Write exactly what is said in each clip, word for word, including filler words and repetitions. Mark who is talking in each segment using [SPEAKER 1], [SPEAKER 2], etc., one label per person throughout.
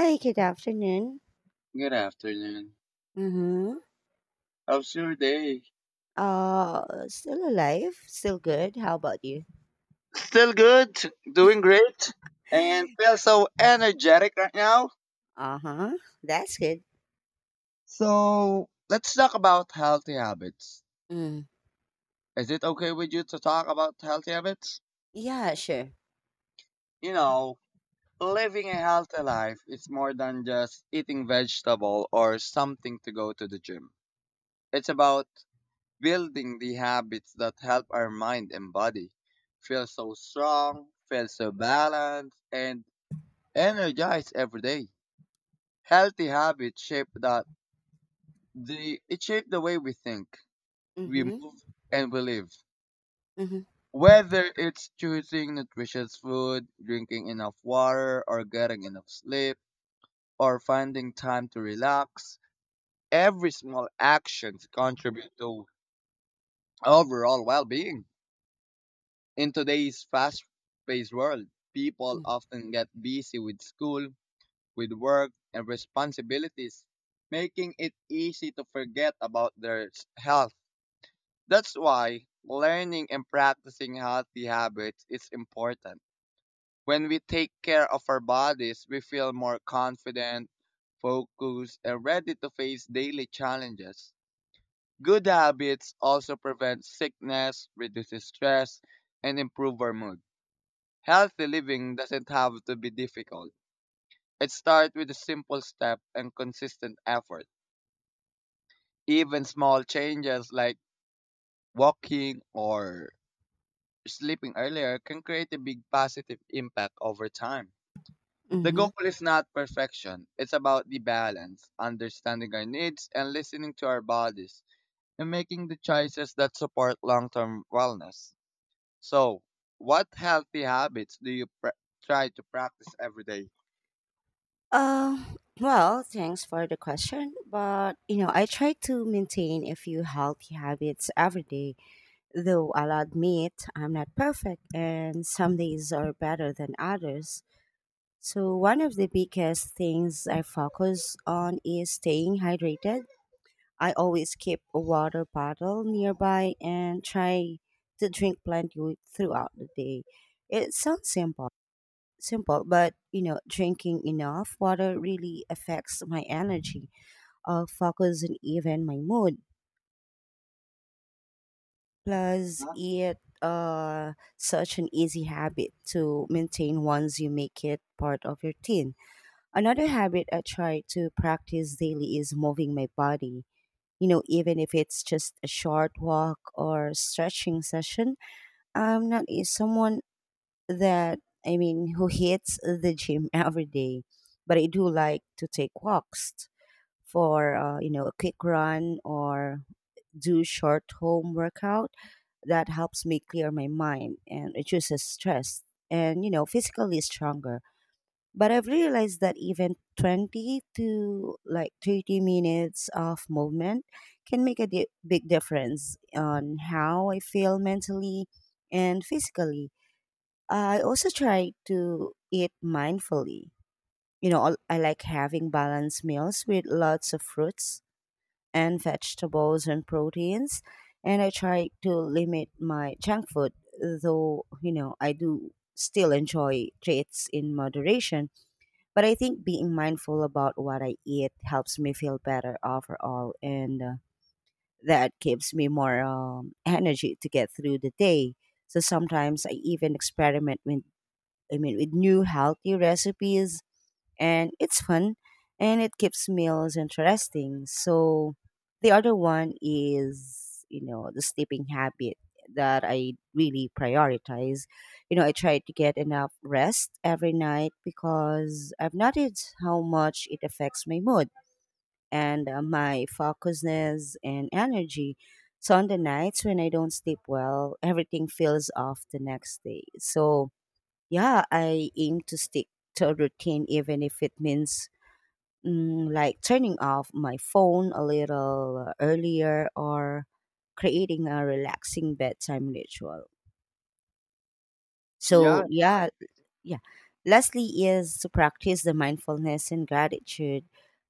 [SPEAKER 1] Hi, good afternoon.
[SPEAKER 2] Good afternoon.
[SPEAKER 1] Mm-hmm.
[SPEAKER 2] How's your day?
[SPEAKER 1] Uh, Still alive, still good. How about you?
[SPEAKER 2] Still good, doing great, and feel so energetic right now.
[SPEAKER 1] Uh huh. That's good.
[SPEAKER 2] So let's talk about healthy habits.
[SPEAKER 1] Mm.
[SPEAKER 2] Is it okay with you to talk about healthy habits?
[SPEAKER 1] Yeah, sure.
[SPEAKER 2] You know, Living a healthy life is more than just eating vegetable or something to go to the gym. It's about building the habits that help our mind and body feel so strong, feel so balanced, and energized every day. Healthy habits shape that the it shape the way we think, we
[SPEAKER 1] Mm-hmm.
[SPEAKER 2] move, and we live.
[SPEAKER 1] Mm-hmm.
[SPEAKER 2] Whether it's choosing nutritious food, drinking enough water, or getting enough sleep, or finding time to relax, every small action contributes to overall well-being. In today's fast-paced world, people
[SPEAKER 1] Mm-hmm.
[SPEAKER 2] often get busy with school, with work, and responsibilities, making it easy to forget about their s- health. That's why learning and practicing healthy habits is important. When we take care of our bodies, we feel more confident, focused, and ready to face daily challenges. Good habits also prevent sickness, reduce stress, and improve our mood. Healthy living doesn't have to be difficult. It starts with a simple step and consistent effort. Even small changes like walking or sleeping earlier can create a big positive impact over time. The
[SPEAKER 1] Mm-hmm.
[SPEAKER 2] goal is not perfection, it's about the balance, understanding our needs and listening to our bodies, and making the choices that support long term wellness. So, what healthy habits do you pr- try to practice every day?
[SPEAKER 1] Um, well, thanks for the question. But, you know, I try to maintain a few healthy habits every day, though I'll admit I'm not perfect and some days are better than others. So, one of the biggest things I focus on is staying hydrated. I always keep a water bottle nearby and try to drink plenty throughout the day. It sounds simple, simple, but you know, drinking enough water really affects my energy, uh, focus, and even my mood. Plus,
[SPEAKER 2] Huh?
[SPEAKER 1] it uh, such an easy habit to maintain once you make it part of your routine. Another habit I try to practice daily is moving my body. You know, even if it's just a short walk or stretching session. I'm not a- Someone that, I mean, who hits the gym every day, but I do like to take walks for, uh, you know, a quick run or do short home workout. That helps me clear my mind and reduces stress and, you know, physically stronger. But I've realized that even twenty to like thirty minutes of movement can make a di- big difference on how I feel mentally and physically. I also try to eat mindfully. You know, al- I like having balanced meals with lots of fruits and vegetables and proteins. And I try to limit my junk food, though, you know, I do still enjoy treats in moderation. But I think being mindful about what I eat helps me feel better overall, and uh, that gives me more um, energy to get through the day. So sometimes I even experiment with, I mean, with new healthy recipes and it's fun and it keeps meals interesting. So the other one is, you know, the sleeping habit that I really prioritize. You know, I try to get enough rest every night because I've noticed how much it affects my mood and uh, my focusness and energy. So on the nights when I don't sleep well, everything feels off the next day. So yeah, I aim to stick to a routine even if it means Mm, like turning off my phone a little uh, earlier or creating a relaxing bedtime ritual.
[SPEAKER 2] Yeah,
[SPEAKER 1] So,
[SPEAKER 2] uh,
[SPEAKER 1] yeah, yeah. Lastly, is to practice the mindfulness and gratitude.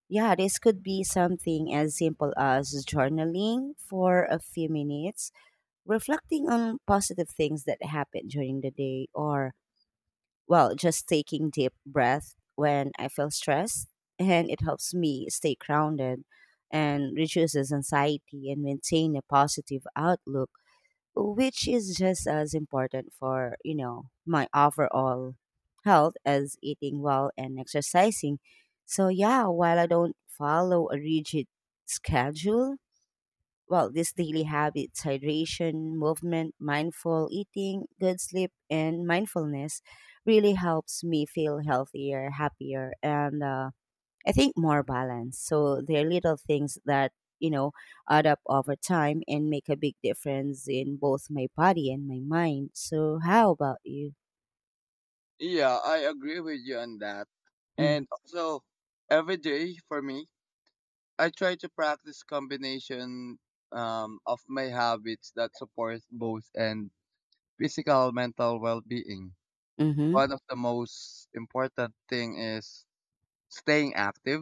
[SPEAKER 1] Yeah, this could be something as simple as journaling for a few minutes, reflecting on positive things that happened during the day, or well, just taking deep breath when I feel stressed, and it helps me stay grounded and reduces anxiety and maintain a positive outlook, which is just as important for, you know, my overall health as eating well and exercising. So yeah, while I don't follow a rigid schedule, well, these daily habits, hydration, movement, mindful eating, good sleep, and mindfulness really helps me feel healthier, happier, and uh, I think more balanced. So they're little things that, you know, add up over time and make a big difference in both my body and my mind. So, how about you?
[SPEAKER 2] yeah, I agree with you on that.
[SPEAKER 1] Mm,
[SPEAKER 2] And also, every day for me, I try to practice combination um, of my habits that support both and physical mental well-being.
[SPEAKER 1] mhm,
[SPEAKER 2] One of the most important thing is staying active.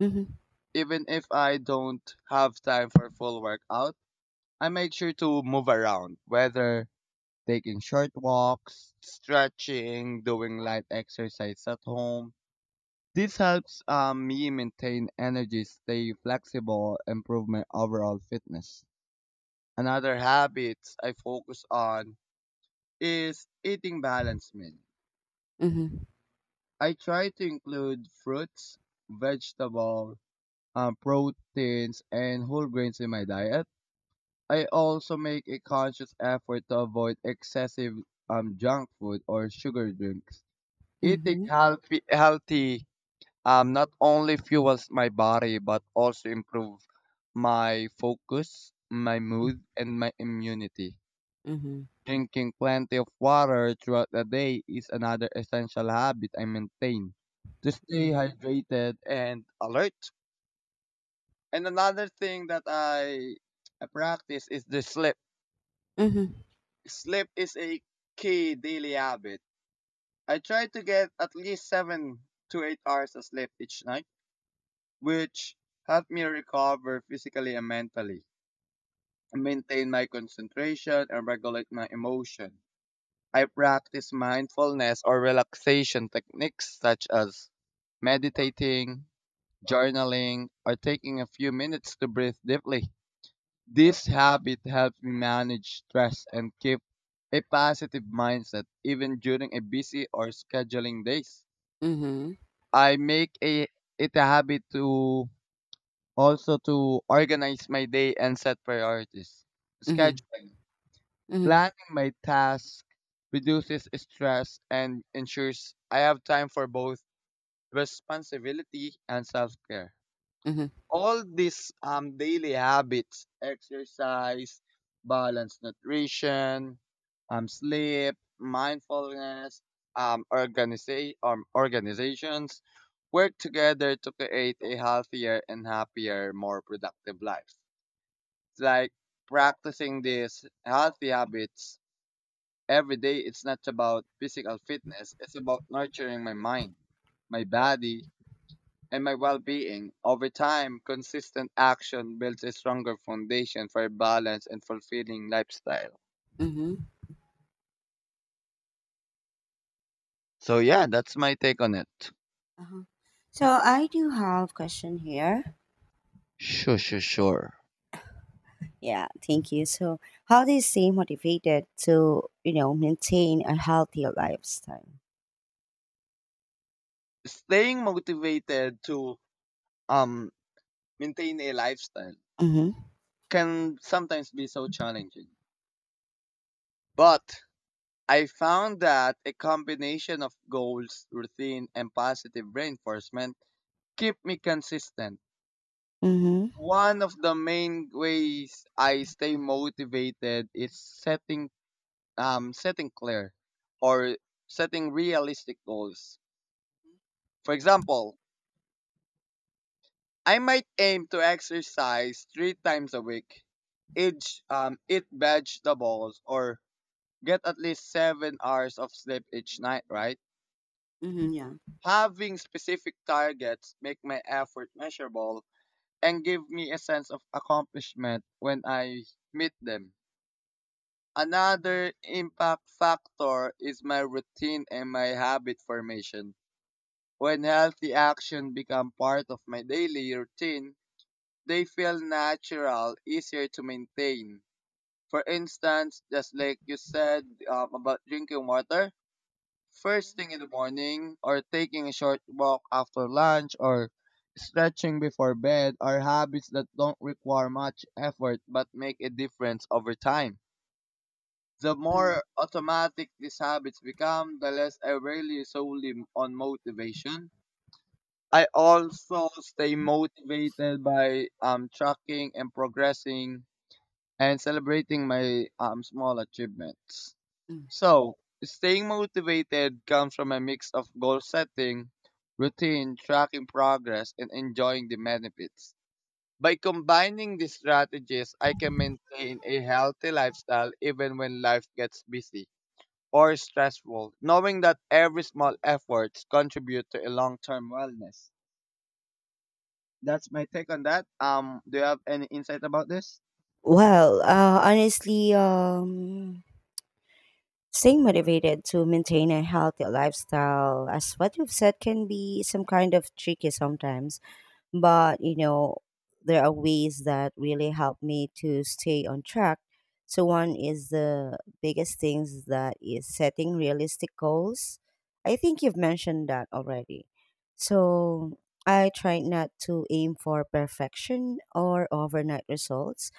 [SPEAKER 1] mhm,
[SPEAKER 2] Even if I don't have time for full workout, I make sure to move around, whether taking short walks, stretching, doing light exercise at home. This helps um, me maintain energy, stay flexible, improve my overall fitness. Another habit I focus on is eating balanced meal.
[SPEAKER 1] mhm,
[SPEAKER 2] I try to include fruits, vegetable, um, proteins, and whole grains in my diet. I also make a conscious effort to avoid excessive um, junk food or sugar drinks. Eating
[SPEAKER 1] mhm,
[SPEAKER 2] healthy, healthy um, not only fuels my body but also improve my focus, my
[SPEAKER 1] mm,
[SPEAKER 2] mood, and my immunity.
[SPEAKER 1] mhm,
[SPEAKER 2] Drinking plenty of water throughout the day is another essential habit I maintain to stay
[SPEAKER 1] mm,
[SPEAKER 2] hydrated and alert. And another thing that I I practice is the sleep.
[SPEAKER 1] mhm,
[SPEAKER 2] Sleep is a key daily habit. I try to get at least seven to eight hours of sleep each night, which help me recover physically and mentally, maintain my concentration, and regulate my emotion. I practice mindfulness or relaxation techniques such as meditating, journaling, or taking a few minutes to breathe deeply. This habit helps me manage stress and keep a positive mindset even during a busy or scheduling days.
[SPEAKER 1] mhm,
[SPEAKER 2] I make a, it a habit to also to organize my day and set priorities.
[SPEAKER 1] mhm,
[SPEAKER 2] Scheduling.
[SPEAKER 1] mhm,
[SPEAKER 2] Planning my tasks reduces stress and ensures I have time for both responsibility and self care.
[SPEAKER 1] mhm,
[SPEAKER 2] All these um, daily habits, exercise, balanced nutrition, um, sleep, mindfulness, um, organiza- um, organizations work together to create a healthier and happier, more productive life. It's like practicing these healthy habits. Every day it's not about physical fitness, it's about nurturing my mind, my body, and my well being. Over time, consistent action builds a stronger foundation for a balanced and fulfilling lifestyle.
[SPEAKER 1] mhm.
[SPEAKER 2] So, yeah, that's my take on it.
[SPEAKER 1] Uh-huh. So I do have question here.
[SPEAKER 2] Sure, sure, sure.
[SPEAKER 1] Yeah, thank you. So how do you stay motivated to, you know, maintain a healthy lifestyle?
[SPEAKER 2] Staying motivated to um, maintain a lifestyle
[SPEAKER 1] Mm-hmm.
[SPEAKER 2] can sometimes be so challenging. But I found that a combination of goals, routine, and positive reinforcement keep me consistent.
[SPEAKER 1] Mm-hmm.
[SPEAKER 2] One of the main ways I stay motivated is setting um setting clear or setting realistic goals. For example, I might aim to exercise three times a week, each um eat vegetables or get at least seven hours of sleep each night, right?
[SPEAKER 1] Mm-hmm. Yeah.
[SPEAKER 2] Having specific targets make my effort measurable and give me a sense of accomplishment when I meet them. Another impact factor is my routine and my habit formation. When healthy action become part of my daily routine, they feel natural, easier to maintain. For instance, just like you said um, about drinking water, first thing in the morning, or taking a short walk after lunch, or stretching before bed are habits that don't require much effort but make a difference over time. The
[SPEAKER 1] Mhm.
[SPEAKER 2] more automatic these habits become, the less I rely solely m- on motivation. I also stay motivated by um, tracking and progressing and celebrating my um, small achievements.
[SPEAKER 1] Mm.
[SPEAKER 2] So, staying motivated comes from a mix of goal setting, routine, tracking progress, and enjoying the benefits. By combining these strategies, I can maintain a healthy lifestyle even when life gets busy or stressful, knowing that every small efforts contribute to a long-term wellness. That's my take on that. Um, do you have any insight about this?
[SPEAKER 1] Well, uh, honestly, um, staying motivated to maintain a healthy lifestyle, as what you've said, can be some kind of tricky sometimes. But you know, there are ways that really help me to stay on track. So one is the biggest things that is setting realistic goals. I think you've mentioned that already. So I try not to aim for perfection or overnight results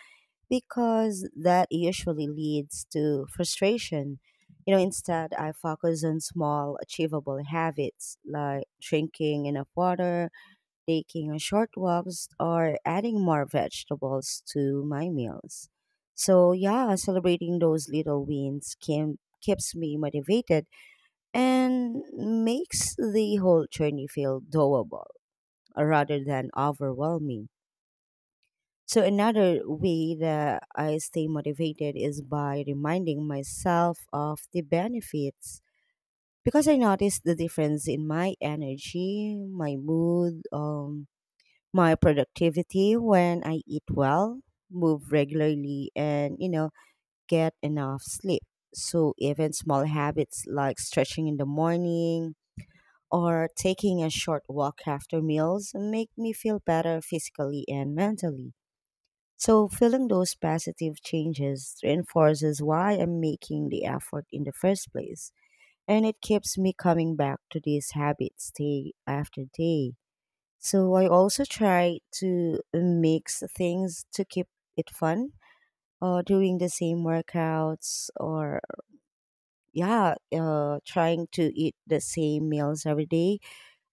[SPEAKER 1] because that usually leads to frustration. You know, instead I focus on small achievable habits like drinking enough water, taking short walks, or adding more vegetables to my meals. So, yeah, celebrating those little wins can, keeps me motivated and makes the whole journey feel doable, uh, rather than overwhelming. So, another way that I stay motivated is by reminding myself of the benefits because I notice the difference in my energy, my mood, um, my productivity when I eat well, move regularly, and you know, get enough sleep. So, even small habits like stretching in the morning or taking a short walk after meals make me feel better physically and mentally. So, feeling those positive changes reinforces why I'm making the effort in the first place. And it keeps me coming back to these habits day after day. So I also try to mix things to keep it fun. Uh, doing the same workouts or yeah, uh, trying to eat the same meals every day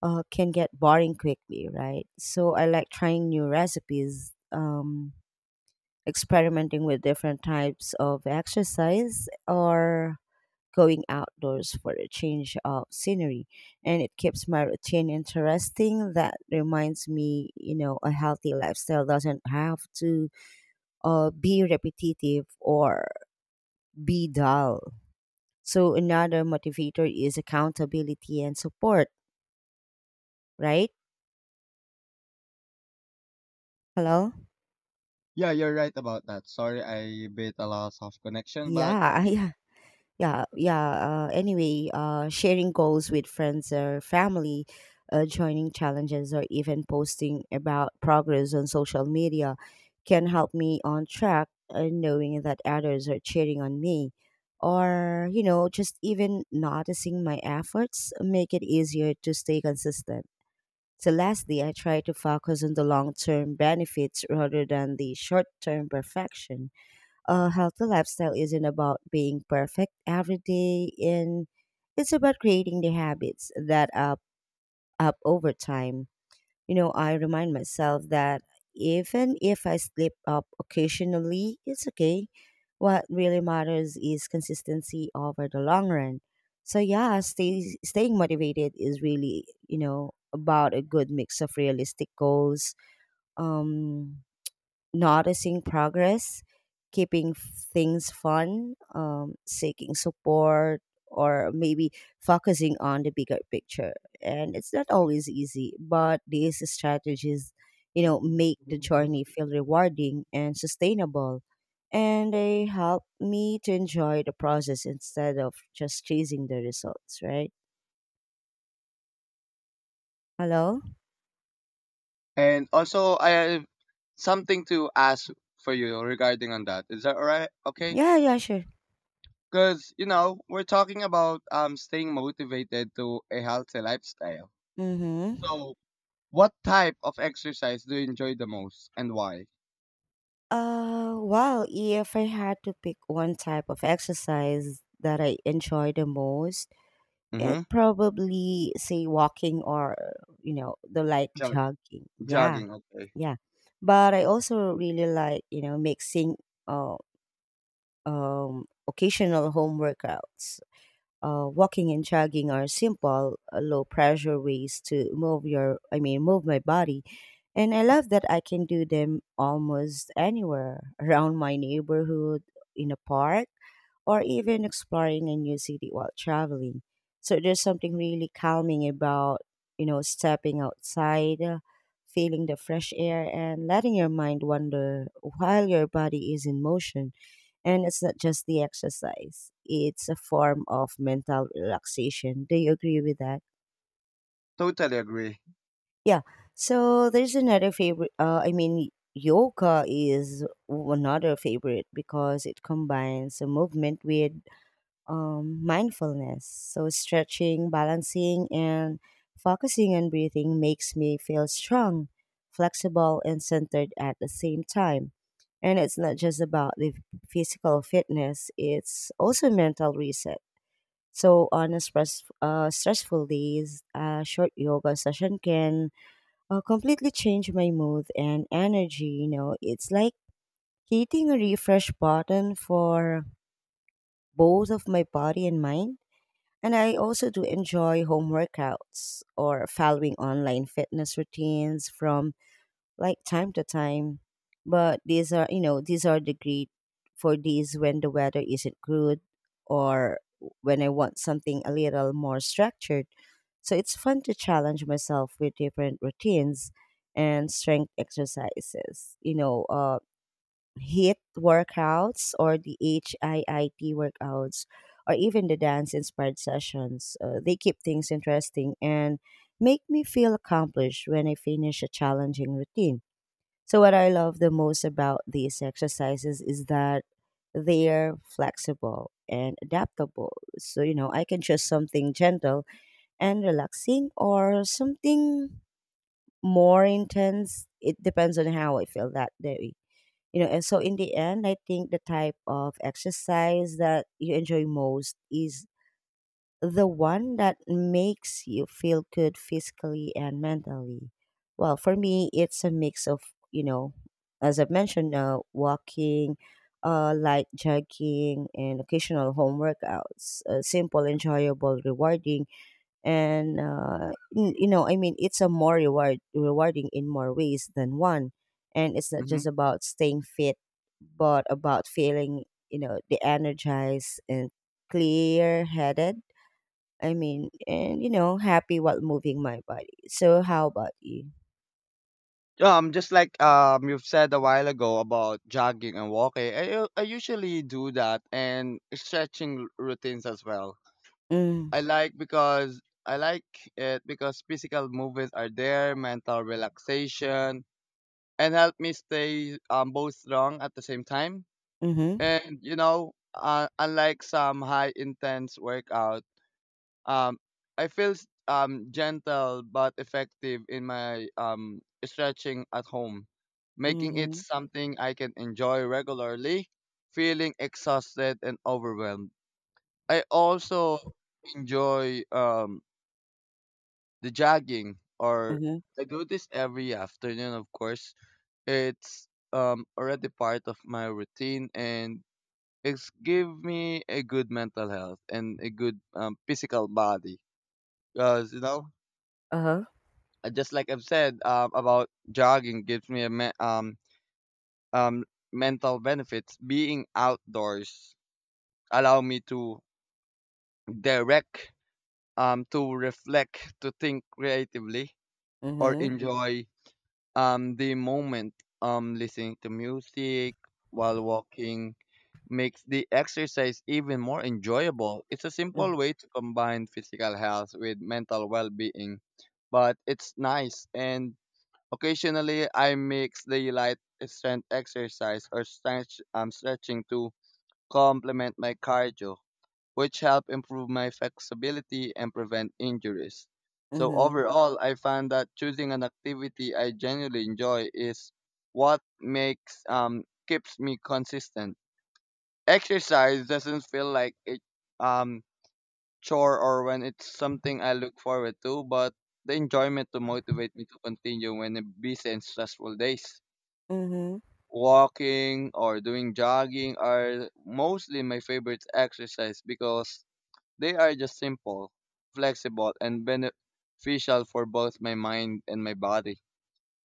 [SPEAKER 1] uh, can get boring quickly, right? So I like trying new recipes, um, experimenting with different types of exercise or going outdoors for a change of scenery, and it keeps my routine interesting. That reminds me, you know, a healthy lifestyle doesn't have to uh, be repetitive or be dull. So another motivator is accountability and support, right? Hello?
[SPEAKER 2] Yeah, you're right about that. Sorry, I bit a loss of connection, but
[SPEAKER 1] Yeah. Yeah. yeah yeah uh, anyway, uh, sharing goals with friends or family, uh, joining challenges or even posting about progress on social media can help me on track, uh, knowing that others are cheering on me or you know, just even noticing my efforts make it easier to stay consistent. So lastly, I try to focus on the long-term benefits rather than the short-term perfection. A healthy lifestyle isn't about being perfect every day, and it's about creating the habits that up up over time. You know, I remind myself that even if I slip up occasionally, it's okay. What really matters is consistency over the long run. So yeah, stay, staying motivated is really, you know, about a good mix of realistic goals, um noticing progress, keeping things fun, um, seeking support, or maybe focusing on the bigger picture. And it's not always easy, but these strategies, you know, make the journey feel rewarding and sustainable. And they help me to enjoy the process instead of just chasing the results, right? Hello?
[SPEAKER 2] and also I have something to ask for you regarding on that. Is that alright? Okay.
[SPEAKER 1] Yeah, yeah, sure.
[SPEAKER 2] Because you know we're talking about um staying motivated to a healthy lifestyle.
[SPEAKER 1] Mm hmm.
[SPEAKER 2] So, what type of exercise do you enjoy the most, and why?
[SPEAKER 1] Uh, well, if I had to pick one type of exercise that I enjoy the most, it
[SPEAKER 2] Mm-hmm.
[SPEAKER 1] probably say walking or you know, the light
[SPEAKER 2] Jog-
[SPEAKER 1] jogging. Yeah,
[SPEAKER 2] Jogging. Okay.
[SPEAKER 1] yeah. But I also really like, you know, mixing uh, um occasional home workouts. Uh, walking and jogging are simple, uh, low pressure ways to move your, I mean, move my body. And I love that I can do them almost anywhere around my neighborhood, in a park, or even exploring a new city while traveling. So there's something really calming about, you know, stepping outside, uh, feeling the fresh air, and letting your mind wander while your body is in motion. And it's not just the exercise, it's a form of mental relaxation. Do you agree with that?
[SPEAKER 2] Totally agree.
[SPEAKER 1] Yeah. So there's another favorite, uh, I mean, yoga is another favorite because it combines a movement with um, mindfulness. So, stretching, balancing, and focusing on breathing makes me feel strong, flexible, and centered at the same time. And it's not just about the physical fitness, it's also mental reset. So, on a stress, uh, stressful days, a short yoga session can uh, completely change my mood and energy. You know, it's like hitting a refresh button for both of my body and mind. And I also do enjoy home workouts or following online fitness routines from like time to time. But these are, you know, these are the great for these when the weather isn't good or when I want something a little more structured. So it's fun to challenge myself with different routines and strength exercises. You know, uh, HIIT workouts or the HIIT workouts or even the dance inspired sessions. Uh, they keep things interesting and make me feel accomplished when I finish a challenging routine. So, what I love the most about these exercises is that they're flexible and adaptable. So, you know, I can choose something gentle and relaxing or something more intense. It depends on how I feel that day. You know, and so in the end, I think the type of exercise that you enjoy most is the one that makes you feel good physically and mentally. Well, for me, it's a mix of, you know, as I've mentioned, uh, walking, uh, light jogging and occasional home workouts, uh, simple, enjoyable, rewarding, and uh, n- you know, I mean, it's a more reward rewarding in more ways than one. And it's not
[SPEAKER 2] Mm-hmm.
[SPEAKER 1] just about staying fit, but about feeling, you know, the energized and clear headed, I mean, and you know, happy while moving my body. So how about you?
[SPEAKER 2] Um, just like um you've said a while ago about jogging and walking, I u- I usually do that and stretching routines as well. I
[SPEAKER 1] Mm,
[SPEAKER 2] like because I like it because physical movements are there, mental relaxation, and help me stay um both strong at the same time.
[SPEAKER 1] mm-hmm
[SPEAKER 2] And you know, uh, unlike some high intense workouts. Um, I feel s- um, gentle but effective in my um, stretching at home, making it
[SPEAKER 1] mm-hmm
[SPEAKER 2] something I can enjoy regularly, feeling exhausted and overwhelmed. I also enjoy um, the jogging, or
[SPEAKER 1] mm-hmm
[SPEAKER 2] I do this every afternoon, of course. It's um, already part of my routine and it's give me a good mental health and a good um, physical body because you know
[SPEAKER 1] uh-huh,
[SPEAKER 2] uh, just like I've said uh, about jogging gives me a me- um um mental benefits. Being outdoors allow me to direct um to reflect, to think creatively, or
[SPEAKER 1] mm-hmm
[SPEAKER 2] enjoy um the moment. Um, listening to music while walking makes the exercise even more enjoyable. It's a simple
[SPEAKER 1] mm-hmm
[SPEAKER 2] way to combine physical health with mental well-being, but it's nice. And occasionally, I mix the light strength exercise or stretch, um, stretching to complement my cardio, which help improve my flexibility and prevent injuries. So
[SPEAKER 1] mm-hmm
[SPEAKER 2] overall, I find that choosing an activity I genuinely enjoy is what makes um keeps me consistent. Exercise doesn't feel like it um chore or when it's something I look forward to, but the enjoyment to motivate me to continue when I'm busy and stressful days. Walking or doing jogging are mostly my favorite exercise because they are just simple, flexible, and beneficial for both my mind and my body.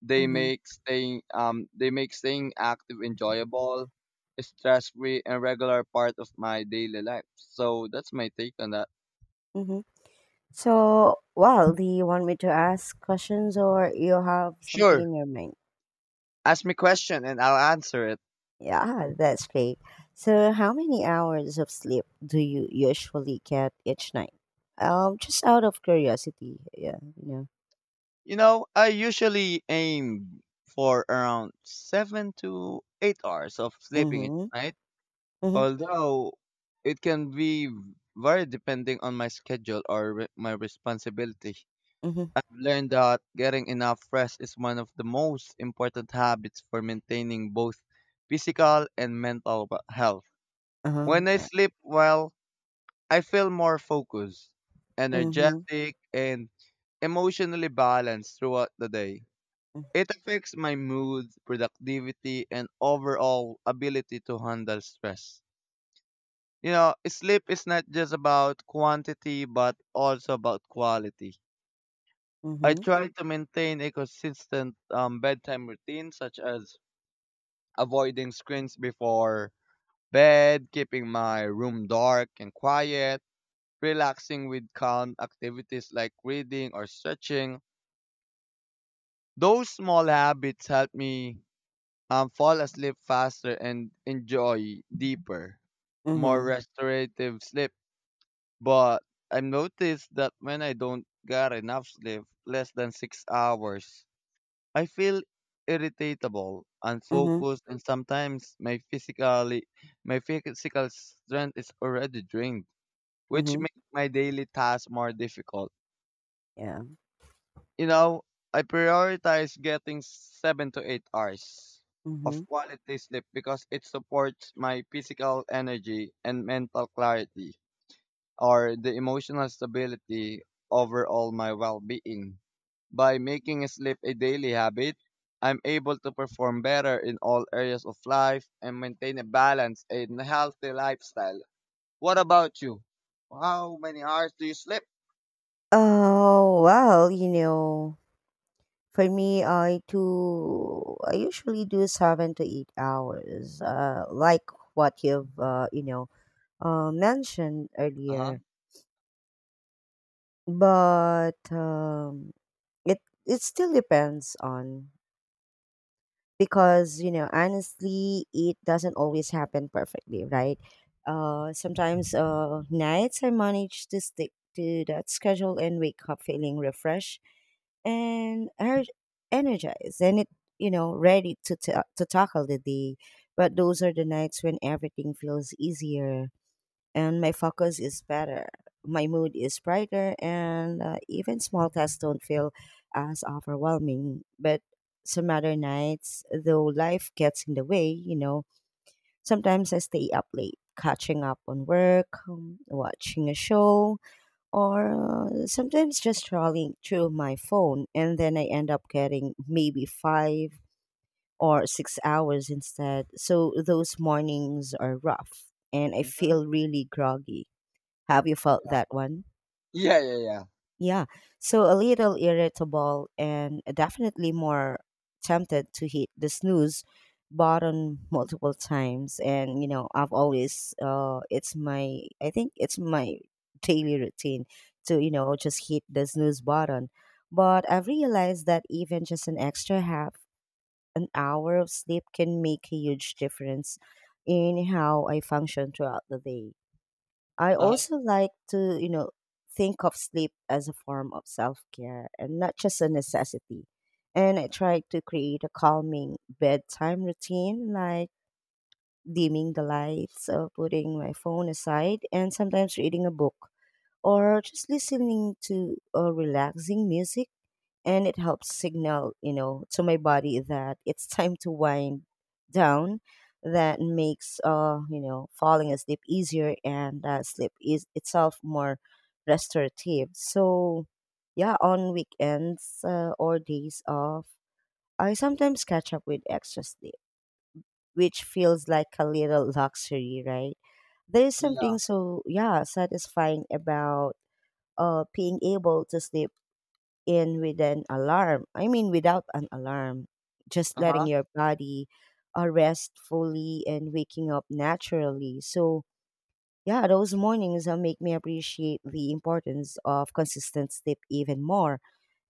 [SPEAKER 2] They
[SPEAKER 1] mm-hmm
[SPEAKER 2] make staying um they make staying active enjoyable, stress free, and regular part of my daily life. So that's my take on that.
[SPEAKER 1] mm-hmm. So, well, do you want me to ask questions or you have something
[SPEAKER 2] Sure.
[SPEAKER 1] in your mind?
[SPEAKER 2] Ask me question and I'll answer it.
[SPEAKER 1] Yeah, that's great. So, how many hours of sleep do you usually get each night? Um, just out of curiosity. Yeah, you know.
[SPEAKER 2] You know, I usually aim for around seven to eight hours of sleeping each
[SPEAKER 1] Mhm.
[SPEAKER 2] night,
[SPEAKER 1] Mhm.
[SPEAKER 2] although it can be vary depending on my schedule or re- my responsibility.
[SPEAKER 1] Mhm.
[SPEAKER 2] I've learned that getting enough rest is one of the most important habits for maintaining both physical and mental we- health.
[SPEAKER 1] Uh-huh,
[SPEAKER 2] When I
[SPEAKER 1] yeah.
[SPEAKER 2] sleep well, I feel more focused,
[SPEAKER 1] Mhm.
[SPEAKER 2] energetic, and emotionally balanced throughout the day.
[SPEAKER 1] mm,
[SPEAKER 2] It affects my mood, productivity, and overall ability to handle stress. You know, sleep is not just about quantity, but also about quality. I
[SPEAKER 1] Mhm.
[SPEAKER 2] try to maintain a consistent um, bedtime routine, such as avoiding screens before bed, keeping my room dark and quiet, relaxing with calm activities like reading or stretching. Those small habits help me um, fall asleep faster and enjoy deeper, more
[SPEAKER 1] Mhm.
[SPEAKER 2] restorative sleep. But I've noticed that when I don't get enough sleep, less than six hours, I feel irritable,
[SPEAKER 1] Mhm.
[SPEAKER 2] unfocused, and sometimes my physically my physical strength is already drained, which
[SPEAKER 1] Mhm.
[SPEAKER 2] makes my daily tasks more difficult.
[SPEAKER 1] Yeah.
[SPEAKER 2] You know, I prioritize getting seven to eight hours of
[SPEAKER 1] Mhm.
[SPEAKER 2] quality sleep because it supports my physical energy and mental clarity or the emotional stability overall my well-being. By making sleep a daily habit, I'm able to perform better in all areas of life and maintain a balance and healthy lifestyle. What about you? How many hours do you sleep?
[SPEAKER 1] Oh, well, you know, for me, I do. I usually do seven to eight hours, uh, like what you've uh, you know uh, mentioned
[SPEAKER 2] Uh huh.
[SPEAKER 1] earlier. But um, it it still depends on, because you know, honestly, it doesn't always happen perfectly, right? Uh, sometimes uh, nights I manage to stick to that schedule and wake up feeling refreshed and her energized, and it, you know, ready to ta to tackle the day. But those are the nights when everything feels easier, and my focus is better, my mood is brighter, and uh, even small tasks don't feel as overwhelming. But some other nights though, life gets in the way, you know, sometimes I stay up late catching up on work, um, watching a show, or uh, sometimes just scrolling through my phone, and then I end up getting maybe five or six hours instead. So those mornings are rough and I
[SPEAKER 2] Hmm.
[SPEAKER 1] feel really groggy. Have you felt
[SPEAKER 2] Yeah.
[SPEAKER 1] that one?
[SPEAKER 2] Yeah. Yeah. Yeah.
[SPEAKER 1] Yeah. So a little irritable and definitely more tempted to hit the snooze button multiple times. And, you know, I've always, uh, it's my, I think it's my daily routine to, you know, just hit the snooze button. But I've realized that even just an extra half an hour of sleep can make a huge difference in how I function throughout the day. I
[SPEAKER 2] Uh huh.
[SPEAKER 1] also like to, you know, think of sleep as a form of self care and not just a necessity. And I try to create a calming bedtime routine, like dimming the lights, or putting my phone aside, and sometimes reading a book or just listening to uh, relaxing music. And it helps signal, you know, to my body that it's time to wind down. That makes, uh, you know, falling asleep easier, and uh, sleep is itself more restorative. So, yeah, on weekends uh, or days off, I sometimes catch up with extra sleep, which feels like a little luxury, right? There is
[SPEAKER 2] Yeah.
[SPEAKER 1] something so, yeah, satisfying about uh, being able to sleep in with an alarm. I mean, without an alarm, just letting
[SPEAKER 2] Uh-huh.
[SPEAKER 1] your body uh, rest fully and waking up naturally. So, yeah, those mornings uh, make me appreciate the importance of consistent sleep even more.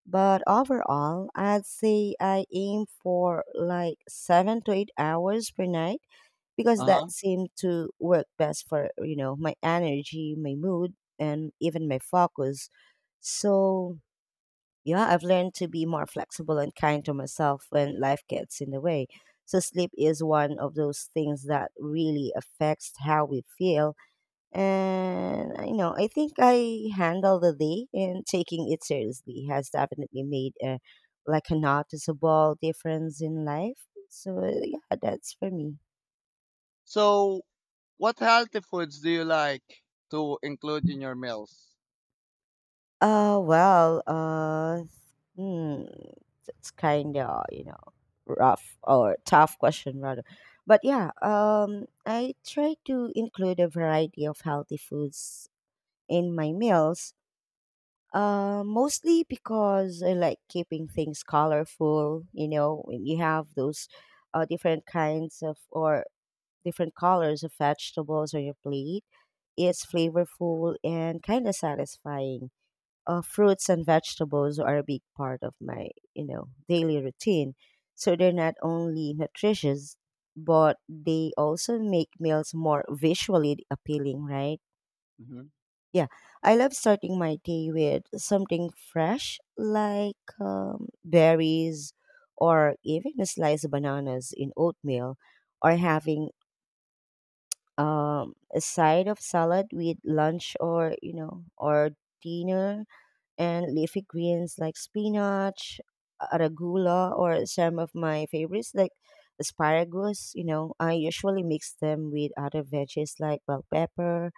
[SPEAKER 1] But overall, I'd say I aim for like seven to eight hours per night, because that
[SPEAKER 2] Uh-huh.
[SPEAKER 1] seemed to work best for, you know, my energy, my mood, and even my focus. So yeah, I've learned to be more flexible and kind to myself when life gets in the way. So, sleep is one of those things that really affects how we feel. And, uh, you know, I think I handle the day, and taking it seriously has definitely made a like a noticeable difference in life. So, yeah, that's for me.
[SPEAKER 2] So, what healthy foods do you like to include in your meals?
[SPEAKER 1] Uh, well, uh, hmm, it's kind of, you know, rough or tough question rather, but yeah, um, I try to include a variety of healthy foods in my meals. Uh, mostly because I like keeping things colorful. You know, when you have those uh, different kinds of or different colors of vegetables on your plate, it's flavorful and kind of satisfying. Uh, fruits and vegetables are a big part of my, you know, daily routine, so they're not only nutritious, but they also make meals more visually appealing, right?
[SPEAKER 2] Hmm.
[SPEAKER 1] Yeah, I love starting my day with something fresh like um, berries or even a slice of bananas in oatmeal, or having um, a side of salad with lunch or you know or dinner, and leafy greens like spinach, arugula, or some of my favorites like asparagus. You know, I usually mix them with other veggies like bell pepper,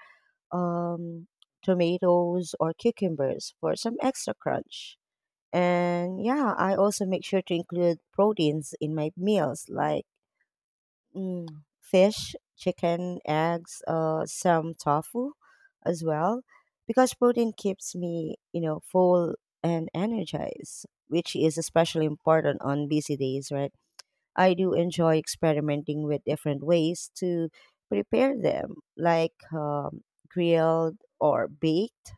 [SPEAKER 1] um, tomatoes, or cucumbers for some extra crunch. And yeah, I also make sure to include proteins in my meals like Mm, fish, chicken, eggs, uh, some tofu as well, because protein keeps me, you know, full and energized, which is especially important on busy days, right? I do enjoy experimenting with different ways to prepare them, like um, grilled or baked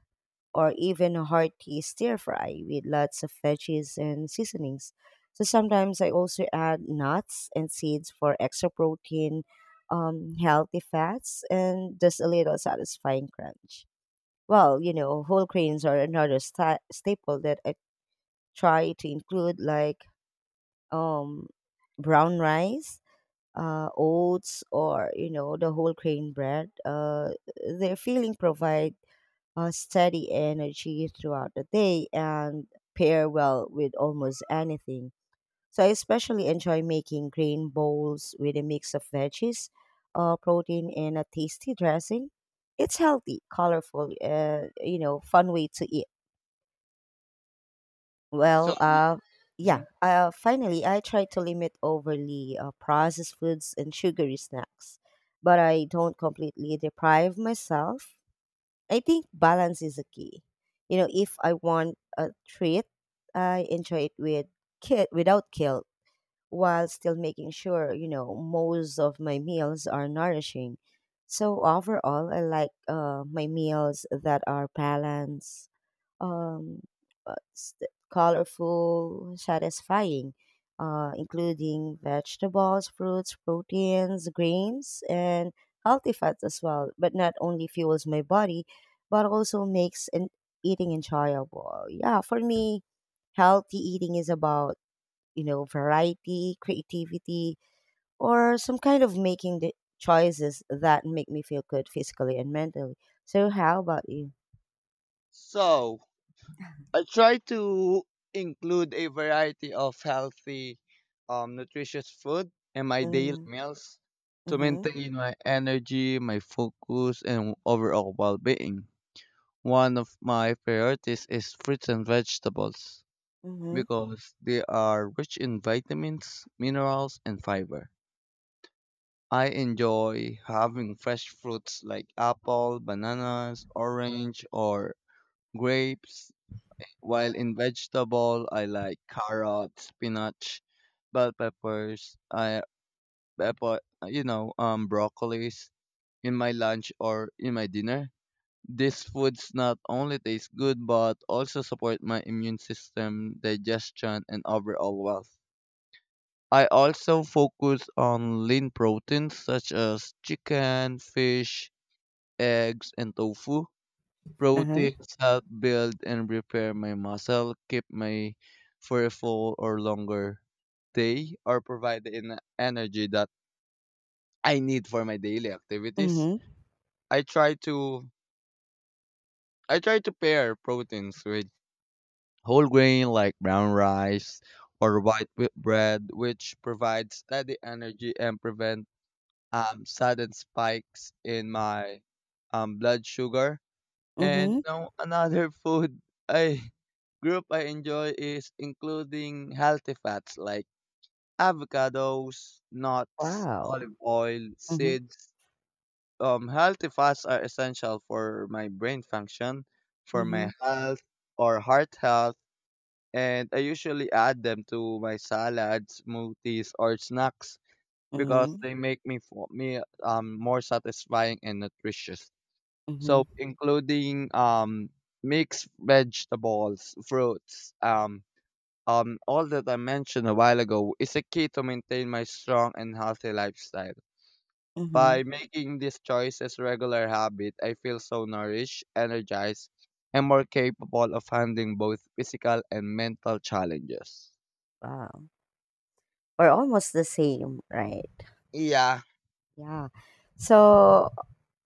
[SPEAKER 1] or even a hearty stir fry with lots of veggies and seasonings. So sometimes I also add nuts and seeds for extra protein, um, healthy fats, and just a little satisfying crunch. Well, you know, whole grains are another sta- staple that I try to include, like um, brown rice, uh, oats, or you know, the whole grain bread. Uh, their filling provide uh, steady energy throughout the day and pair well with almost anything. So I especially enjoy making grain bowls with a mix of veggies, uh, protein, and a tasty dressing. It's healthy, colorful, uh, you know, fun way to eat.
[SPEAKER 2] So,
[SPEAKER 1] Well, uh, yeah.
[SPEAKER 2] hmm
[SPEAKER 1] Uh, finally, I try to limit overly uh, processed foods and sugary snacks, but I don't completely deprive myself. I think balance is a key. You know, if I want a treat, I enjoy it with kid without guilt, while still making sure, you know, most of my meals are nourishing. So overall, I like uh, my meals that are balanced, um, uh, st- colorful, satisfying, uh, including vegetables, fruits, proteins, grains, and healthy fats as well. But not only fuels my body, but also makes an eating enjoyable. Yeah, for me, healthy eating is about, you know, variety, creativity, or some kind of making the choices that make me feel good physically and mentally. So, how about you?
[SPEAKER 2] so I try to include a variety of healthy, um, nutritious food in my daily
[SPEAKER 1] Mm-hmm.
[SPEAKER 2] meals to
[SPEAKER 1] Mm-hmm.
[SPEAKER 2] maintain my energy, my focus, and overall well-being. One of my priorities is fruits and vegetables because they are rich in vitamins, minerals, and fiber. I enjoy having fresh fruits like apple, bananas, orange, or grapes. While in vegetable, I like carrots, spinach, bell peppers, I pepper, you know, um, broccolis in my lunch or in my dinner. These foods not only taste good but also support my immune system, digestion, and overall health. I also focus on lean proteins such as chicken, fish, eggs, and tofu.
[SPEAKER 1] Uh-huh.
[SPEAKER 2] Proteins help build and repair my muscle, keep me for a full or longer day, or provide the en- energy that I need for my daily activities.
[SPEAKER 1] Mhm.
[SPEAKER 2] I try to I try to pair proteins with whole grain like brown rice or white wheat bread, which provides steady energy and prevents um, sudden spikes in my um, blood sugar. And you
[SPEAKER 1] Mhm.
[SPEAKER 2] know, another food I group I enjoy is including healthy fats like avocados, nuts,
[SPEAKER 1] Wow.
[SPEAKER 2] olive oil,
[SPEAKER 1] Mhm.
[SPEAKER 2] seeds. Um, healthy fats are essential for my brain function, for my
[SPEAKER 1] Mhm.
[SPEAKER 2] health or heart health, and I usually add them to my salads, smoothies, or snacks because
[SPEAKER 1] Mhm.
[SPEAKER 2] they make me for me um more satisfying and nutritious. So
[SPEAKER 1] Mhm.
[SPEAKER 2] including um mixed vegetables, fruits, um um all that I mentioned a while ago is a key to maintain my strong and healthy lifestyle.
[SPEAKER 1] Mhm.
[SPEAKER 2] By making these choices regular habit, I feel so nourished, energized, and more capable of handling both physical and mental challenges.
[SPEAKER 1] Wow. We're almost the same, right?
[SPEAKER 2] Yeah,
[SPEAKER 1] Yeah. So,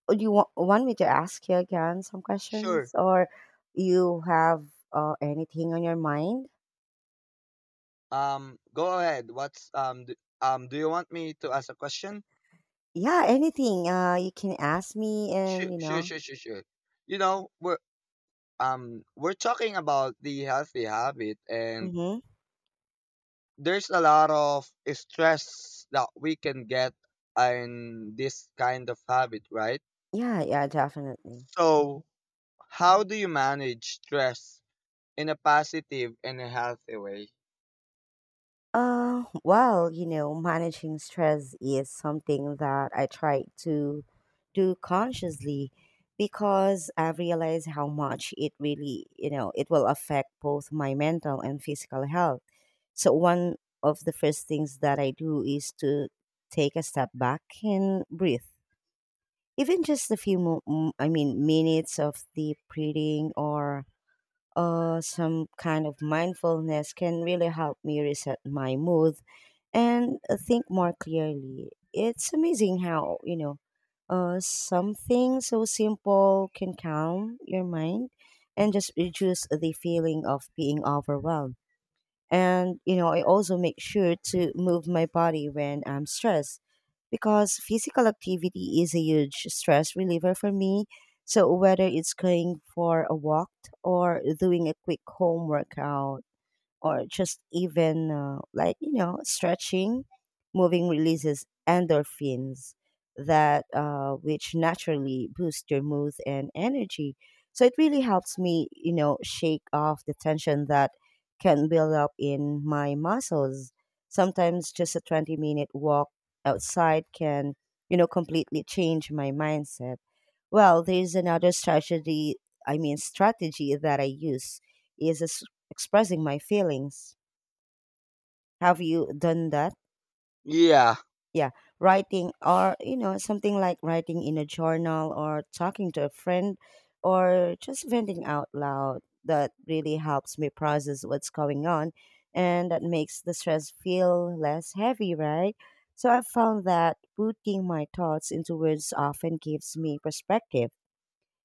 [SPEAKER 1] do you wa- want me to ask you again some
[SPEAKER 2] sure.
[SPEAKER 1] questions, or you have uh, anything on your mind?
[SPEAKER 2] Um, go ahead. What's um do, um do you want me to ask a question?
[SPEAKER 1] Yeah, anything. Uh, you can ask me
[SPEAKER 2] Sure,
[SPEAKER 1] and, you
[SPEAKER 2] sure,
[SPEAKER 1] know.
[SPEAKER 2] sure, sure, sure. You know, we're um we're talking about the healthy habit, and
[SPEAKER 1] Mhm.
[SPEAKER 2] there's a lot of stress that we can get in this kind of habit, right?
[SPEAKER 1] Yeah, yeah, definitely.
[SPEAKER 2] So, how do you manage stress in a positive and a healthy way?
[SPEAKER 1] Uh, well, you know, managing stress is something that I try to do consciously, because I realize how much it really, you know, it will affect both my mental and physical health. So, one of the first things that I do is to take a step back and breathe. Even just a few, mo- m- I mean, minutes of deep breathing or uh, some kind of mindfulness can really help me reset my mood and uh, think more clearly. It's amazing how, you know, uh, something so simple can calm your mind and just reduce the feeling of being overwhelmed. And, you know, I also make sure to move my body when I'm stressed, because physical activity is a huge stress reliever for me. So, whether it's going for a walk or doing a quick home workout, or just even uh, like you know stretching, moving releases endorphins that, uh, which naturally boost your mood and energy, so it really helps me, you know, shake off the tension that can build up in my muscles. Sometimes just a twenty minute walk outside can, you know, completely change my mindset. Well, there's another strategy, I mean, strategy that I use is es- expressing my feelings. Have you done that?
[SPEAKER 2] Yeah,
[SPEAKER 1] Yeah, writing or, you know, something like writing in a journal or talking to a friend, or just venting out loud. That really helps me process what's going on, and that makes the stress feel less heavy, right? So I found that putting my thoughts into words often gives me perspective,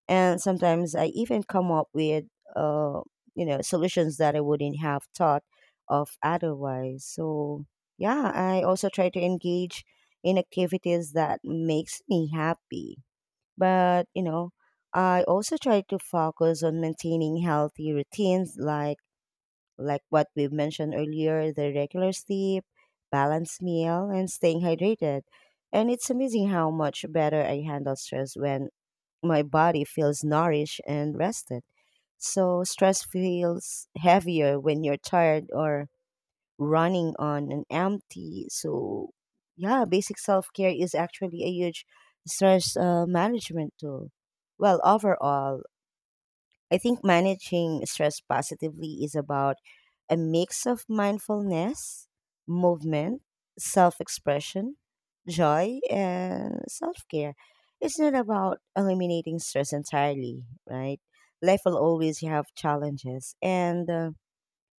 [SPEAKER 1] and sometimes I even come up with uh you know solutions that I wouldn't have thought of otherwise. So yeah, I also try to engage in activities that makes me happy, but you know, I also try to focus on maintaining healthy routines like like what we've mentioned earlier, the regular sleep, balanced meal, and staying hydrated. And it's amazing how much better I handle stress when my body feels nourished and rested. So stress feels heavier when you're tired or running on an empty. So yeah, basic self care is actually a huge stress uh, management tool. Well, overall, I think managing stress positively is about a mix of mindfulness, movement, self expression, joy, and self care. It's not about eliminating stress entirely, right? Life will always have challenges, and uh,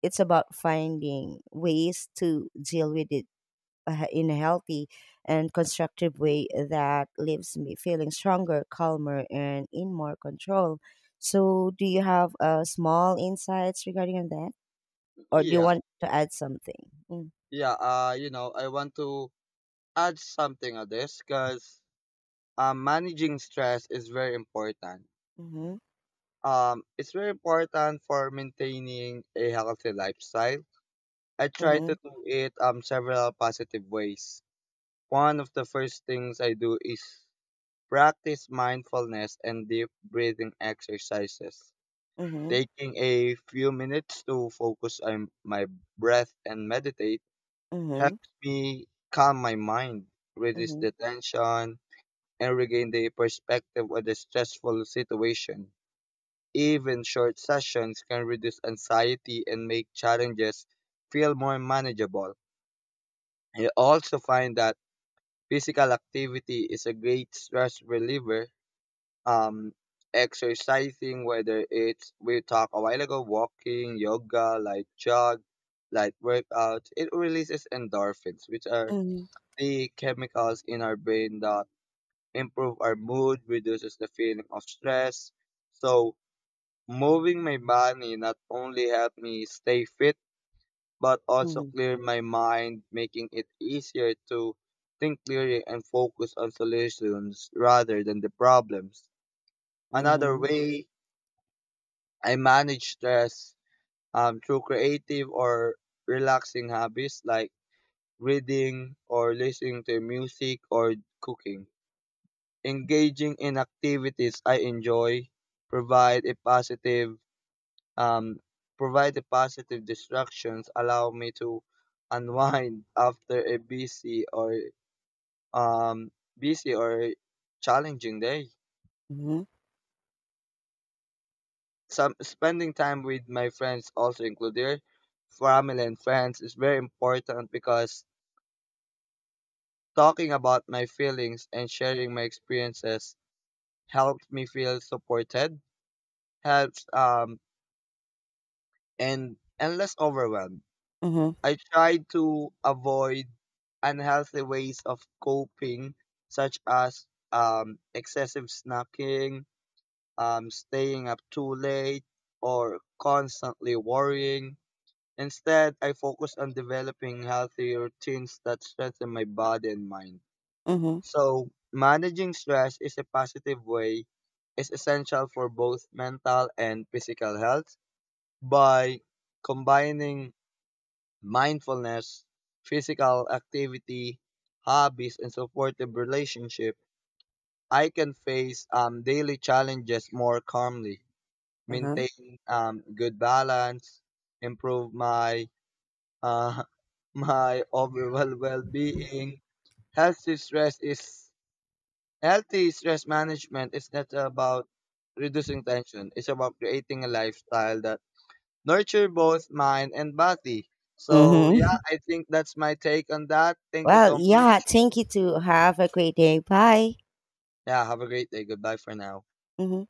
[SPEAKER 1] it's about finding ways to deal with it uh, in a healthy and constructive way that leaves me feeling stronger, calmer, and in more control. So, do you have uh, small insights regarding on that, or do you
[SPEAKER 2] yeah,
[SPEAKER 1] want to add something? Mm.
[SPEAKER 2] yeah. Uh, you know, I want to add something on this because um, managing stress is very important.
[SPEAKER 1] Mm-hmm.
[SPEAKER 2] Um, it's very important for maintaining a healthy lifestyle. I try to do it um several positive ways. One of the first things I do is practice mindfulness and deep breathing exercises.
[SPEAKER 1] Mm-hmm.
[SPEAKER 2] Taking a few minutes to focus on my breath and meditate
[SPEAKER 1] Mm-hmm.
[SPEAKER 2] helps me calm my mind, reduce
[SPEAKER 1] Mm-hmm.
[SPEAKER 2] the tension, and regain the perspective of the stressful situation. Even short sessions can reduce anxiety and make challenges feel more manageable. I also find that physical activity is a great stress reliever. Um, Exercising, whether it's we talked a while ago, walking, yoga, like jog, like workout, it releases endorphins, which are
[SPEAKER 1] Mm-hmm.
[SPEAKER 2] the chemicals in our brain that improve our mood, reduces the feeling of stress. So moving my body not only helped me stay fit, but also
[SPEAKER 1] Mm-hmm.
[SPEAKER 2] clear my mind, making it easier to think clearly and focus on solutions rather than the problems. Another
[SPEAKER 1] Mm-hmm.
[SPEAKER 2] way I manage stress um, through creative or relaxing habits like reading or listening to music or cooking. Engaging in activities I enjoy provide a positive Um, provide the positive distractions allow me to unwind after a busy or um busy or challenging day.
[SPEAKER 1] Mm-hmm. Mm-hmm.
[SPEAKER 2] Some spending time with my friends also included. Family and friends is very important because talking about my feelings and sharing my experiences helps me feel supported, helps um and and less overwhelmed.
[SPEAKER 1] Mm-hmm.
[SPEAKER 2] I try to avoid unhealthy ways of coping, such as um, excessive snacking, um, staying up too late, or constantly worrying. Instead, I focus on developing healthy routines that strengthen my body and mind.
[SPEAKER 1] Mm-hmm.
[SPEAKER 2] So, managing stress is a positive way, is essential for both mental and physical health by combining mindfulness, physical activity, hobbies, and supportive relationship, I can face um, daily challenges more calmly,
[SPEAKER 1] Uh-huh.
[SPEAKER 2] maintain um, good balance, improve my uh, my overall well-being. Healthy stress is healthy stress management is not about reducing tension. It's about creating a lifestyle that nurture both mind and body. So yeah,
[SPEAKER 1] Mm-hmm.
[SPEAKER 2] I think that's my take on that. Thank you
[SPEAKER 1] Well,
[SPEAKER 2] so
[SPEAKER 1] yeah.
[SPEAKER 2] much.
[SPEAKER 1] Thank you. To have a great day. Bye.
[SPEAKER 2] Yeah, have a great day. Goodbye for now.
[SPEAKER 1] Mm-hmm.